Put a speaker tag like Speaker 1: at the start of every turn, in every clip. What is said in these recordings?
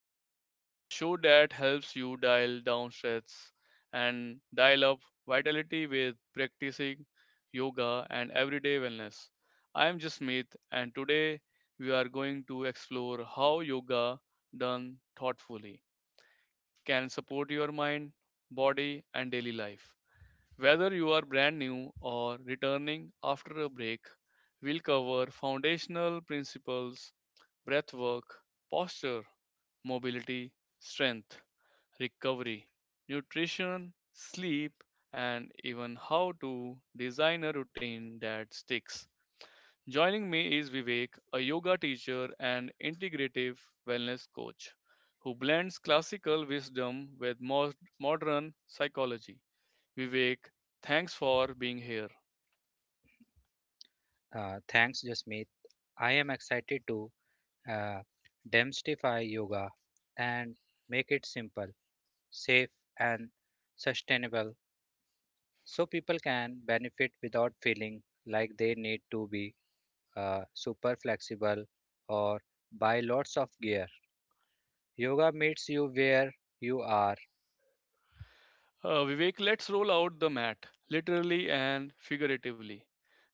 Speaker 1: and Balance, the show that helps you dial down stress and dial up vitality with practicing yoga and everyday wellness. I am Jasmeet, and today we are going to explore how yoga, done thoughtfully, can support your mind, body and daily life. Whether you are brand new or returning after a break, we'll cover foundational principles, breathwork, posture, mobility, strength, recovery, nutrition, sleep, and even how to design a routine that sticks. Joining me is Vivek, a yoga teacher and integrative wellness coach who blends classical wisdom with most modern psychology. Vivek, thanks for being here.
Speaker 2: Thanks, Jasmeet. I am excited to uh, demystify yoga and make it simple, safe, and sustainable so people can benefit without feeling like they need to be super flexible or buy lots of gear. Yoga meets you where you are.
Speaker 1: Vivek, let's roll out the mat, literally and figuratively.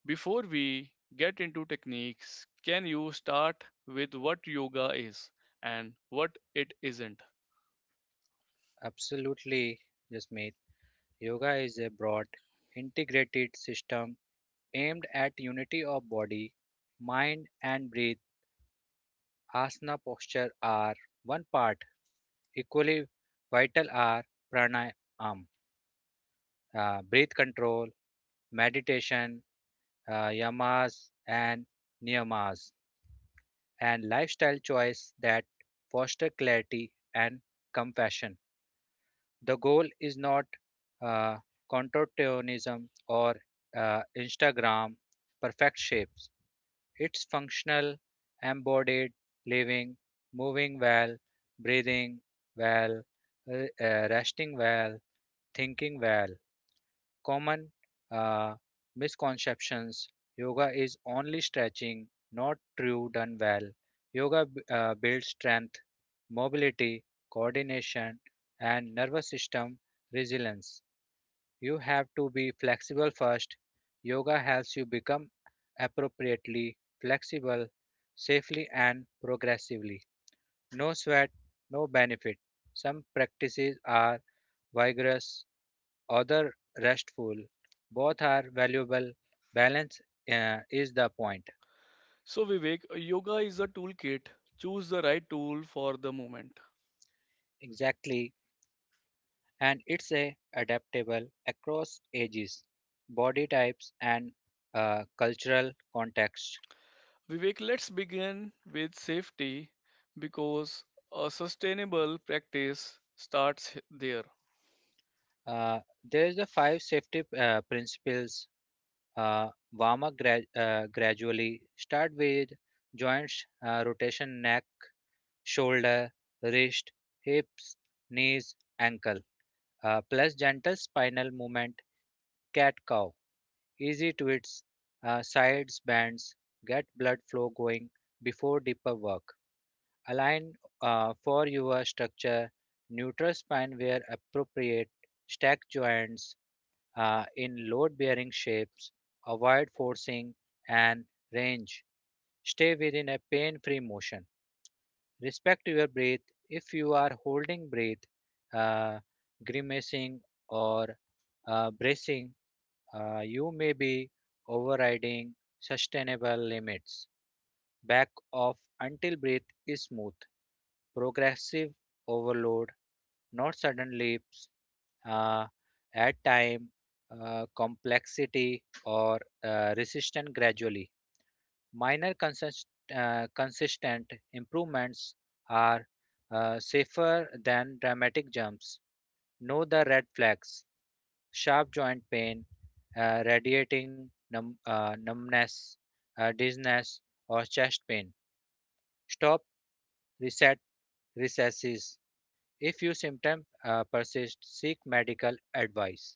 Speaker 1: Before we get into techniques, can you start with what yoga is and what it isn't?
Speaker 2: Absolutely, Jasmeet. Yoga is a broad, integrated system aimed at unity of body, mind, and breath asana posture are one part. Equally vital are pranayam, breath control, meditation, yamas and niyamas, and lifestyle choice that foster clarity and compassion. The goal is not uh, contortionism or Instagram perfect shapes. It's functional, embodied, living, moving well, breathing well, resting well, thinking well. Common uh, misconceptions yoga is only stretching, not true done well. Yoga builds strength, mobility, coordination, and nervous system resilience. You have to be flexible first. Yoga helps you become appropriately flexible, safely, and progressively. No sweat, no benefit. Some practices are vigorous, other restful. Both are valuable. Balance is the point.
Speaker 1: So, Vivek, yoga is a toolkit. Choose the right tool for the moment.
Speaker 2: Exactly, and it's a adaptable across ages, body types, and cultural context.
Speaker 1: Vivek, let's begin with safety because a sustainable practice starts there.
Speaker 2: Uh, there's the five safety principles. Warm up gradually. Start with joints, rotation, neck, shoulder, wrist, hips, knees, ankle. Plus gentle spinal movement, cat cow. Easy twists, sides bends. Get blood flow going before deeper work. Align for your structure. Neutral spine where appropriate. Stack joints in load bearing shapes, avoid forcing and range. Stay within a pain free motion. Respect your breath if you are holding breath, uh, grimacing, or bracing. You may be overriding sustainable limits. Back off until breath is smooth. Progressive overload, not sudden leaps, uh, add time, complexity, or resistance gradually. Minor consistent improvements are safer than dramatic jumps. Know the red flags sharp joint pain, radiating numbness, dizziness, or chest pain. Stop, reset, recesses. If your symptom persists, seek medical advice.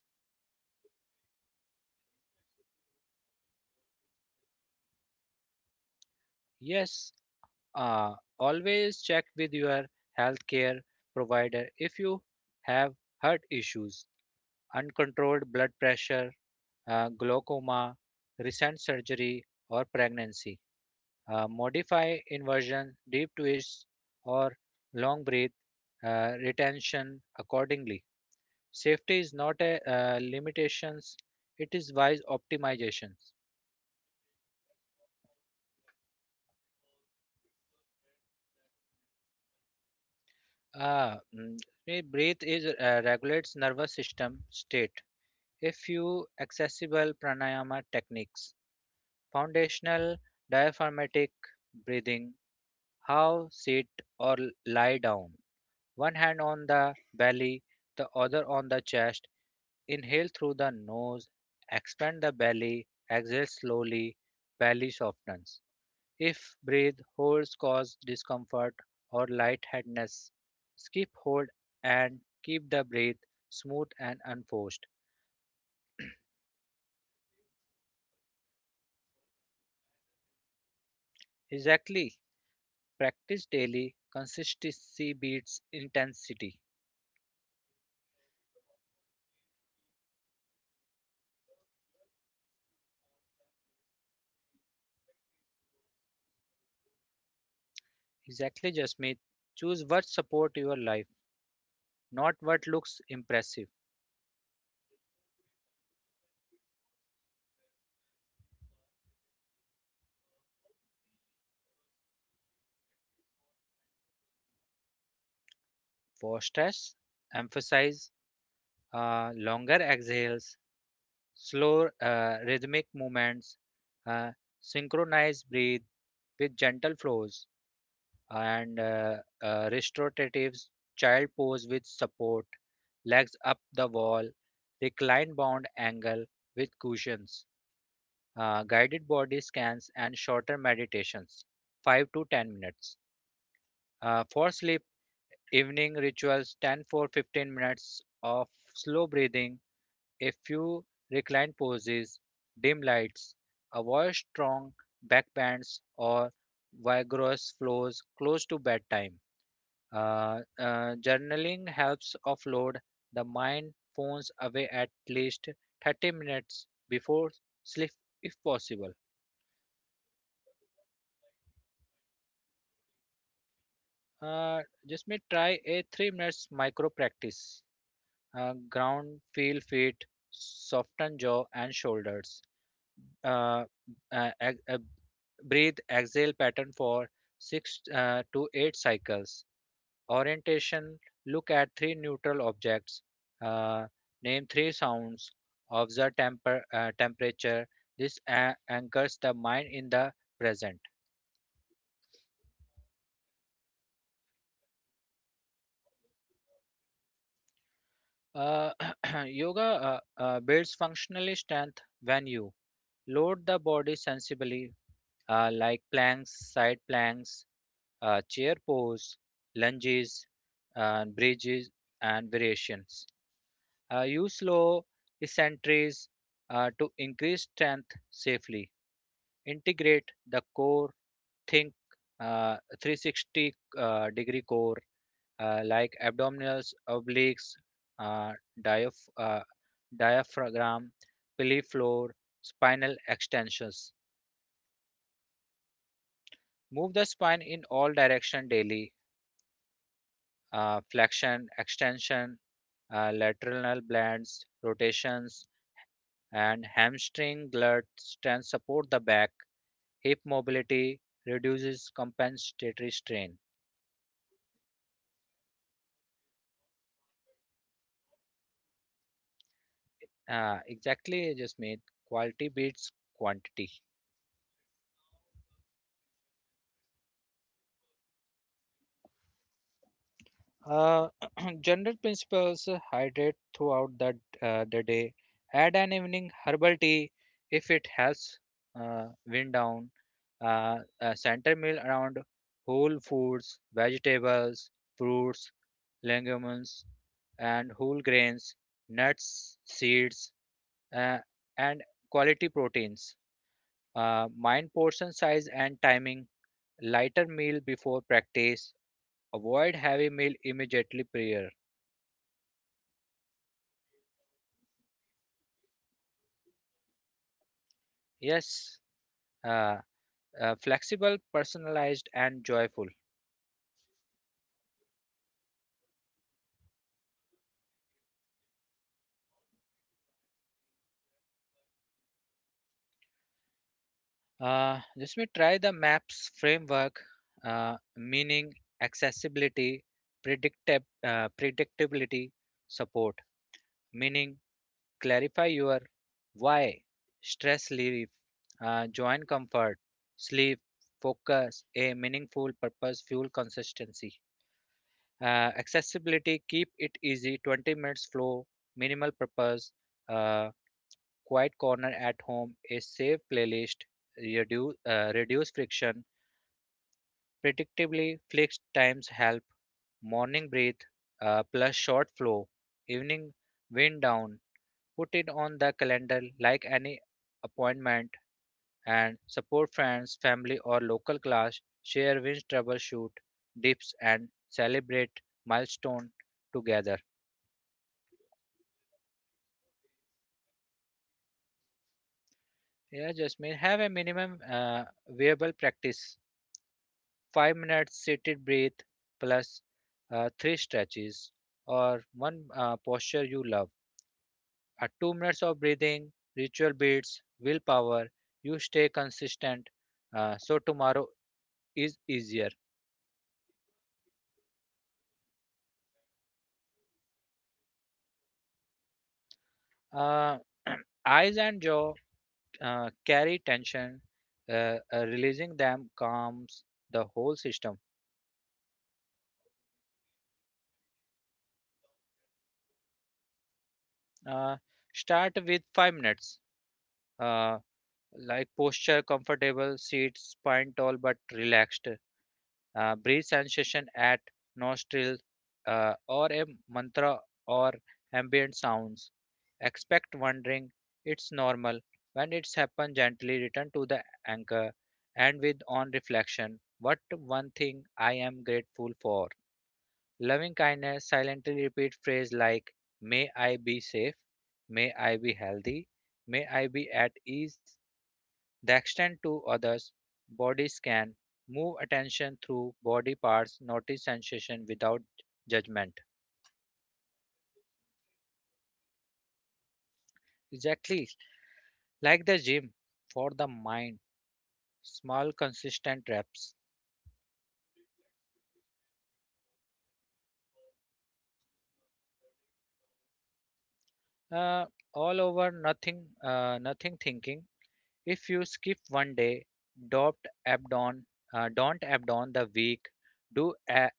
Speaker 2: Yes. Uh, Always check with your healthcare provider if you have heart issues, uncontrolled blood pressure, glaucoma, recent surgery, or pregnancy. Modify inversion, deep twists, or long breath retention accordingly. Safety is not a limitations; it is wise optimizations. Ah, mm, breath is regulates nervous system state a few accessible pranayama techniques. Foundational diaphragmatic breathing, how sit or lie down. One hand on the belly, the other on the chest. Inhale through the nose, expand the belly, exhale slowly, belly softens. If breath holds cause discomfort or lightheadedness, skip hold and keep the breath smooth and unforced. Exactly. Practice daily. Consistency beats intensity. Exactly, Jasmeet. Choose what support your life, not what looks impressive. For stress, emphasize longer exhales, slow rhythmic movements, uh, synchronize breathe with gentle flows, and restoratives. Child pose with support, legs up the wall, recline bound angle with cushions. Guided body scans, and shorter meditations, 5 to 10 minutes. For sleep, evening rituals, 10 for 15 minutes of slow breathing, a few reclined poses, dim lights, avoid strong backbends or vigorous flows close to bedtime. Journaling helps offload the mind phones away at least 30 minutes before sleep if possible. Uh, just may try a 3 minutes micro practice. Ground, feel feet, soften jaw and shoulders. Uh, uh, ex- uh, breathe, exhale pattern for six to eight cycles. Orientation, look at three neutral objects. Uh, name three sounds. Observe temperature. This anchors the mind in the present. Uh, yoga builds functional strength when you load the body sensibly, like planks, side planks, chair pose, lunges, and bridges, and variations. Use slow eccentrics to increase strength safely. Integrate the core, think 360 degree core, like abdominals, obliques, uh, diaph- uh, diaphragm, pelvic floor, spinal extensions. Move the spine in all direction daily. Flexion, extension, lateral bends, rotations, and hamstring glut strength support the back. Hip mobility reduces compensatory strain. Exactly, Jasmeet. Quality beats quantity. Uh, general principles hydrate throughout the day. Add an evening herbal tea if it helps wind down. A center meal around whole foods, vegetables, fruits, legumes, and whole grains, nuts, seeds, uh, and quality proteins. Mind portion size and timing. Lighter meal before practice. Avoid heavy meal immediately prior. Yes, uh, flexible, personalized, and joyful. Just me try the MAPS framework, meaning accessibility, predictability, support, meaning clarify your why, stress relief, joint comfort, sleep, focus, a meaningful purpose, fuel consistency. Accessibility, keep it easy, 20 minutes flow, minimal purpose. Uh, Quiet corner at home, a safe playlist, reduce friction, predictably fixed times help, morning breathe plus short flow, evening wind down. Put it on the calendar like any appointment and support friends, family, or local class. Share wins, troubleshoot, dips, and celebrate milestone together. Yeah, just mean have a minimum viable practice. 5 minutes seated breath plus three stretches or one posture you love. At 2 minutes of breathing, ritual beats, willpower, you stay consistent. So tomorrow is easier. Uh, eyes and jaw carry tension, releasing them calms the whole system. Uh, start with 5 minutes. Uh, like posture comfortable, seat spine tall but relaxed breathe sensation at nostril or a mantra or ambient sounds expect wandering it's normal when it's happened gently return to the anchor and with on reflection what one thing I am grateful for loving kindness silently repeat phrase like may I be safe may I be healthy may I be at ease the extent to others' bodies can move attention through body parts, notice sensation without judgment. Exactly like the gym for the mind, small consistent reps. Uh, all over nothing, nothing thinking. If you skip one day, don't abandon, don't abandon the week. Do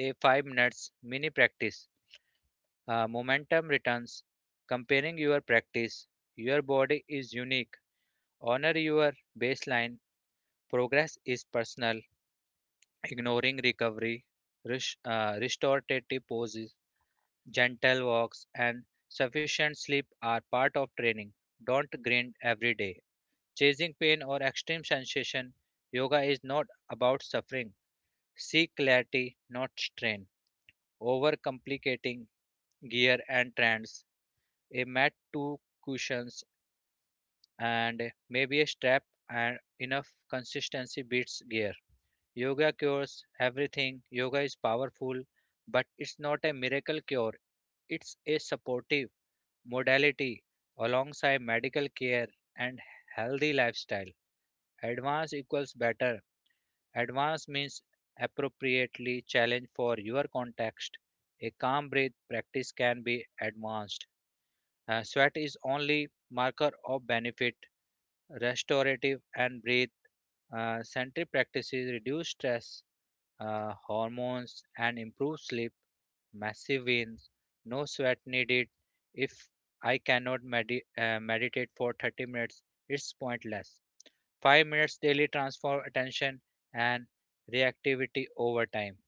Speaker 2: a 5 minutes mini practice. Momentum returns. Comparing your practice, your body is unique. Honor your baseline. Progress is personal. Ignoring recovery, restorative poses, gentle walks, and sufficient sleep are part of training. Don't grind every day. Chasing pain or extreme sensation, yoga is not about suffering. Seek clarity, not strain. Overcomplicating gear and trends, a mat, two cushions, and maybe a strap, and enough consistency beats gear. Yoga cures everything. Yoga is powerful, but it's not a miracle cure. It's a supportive modality alongside medical care and healthy lifestyle. Advanced equals better. Advanced means appropriately challenged for your context. A calm breath practice can be advanced. Sweat is only marker of benefit. Restorative and breath centric practices reduce stress hormones, and improved sleep, massive wins, no sweat needed. If I cannot meditate for 30 minutes, it's pointless. 5 minutes daily transform attention and reactivity over time.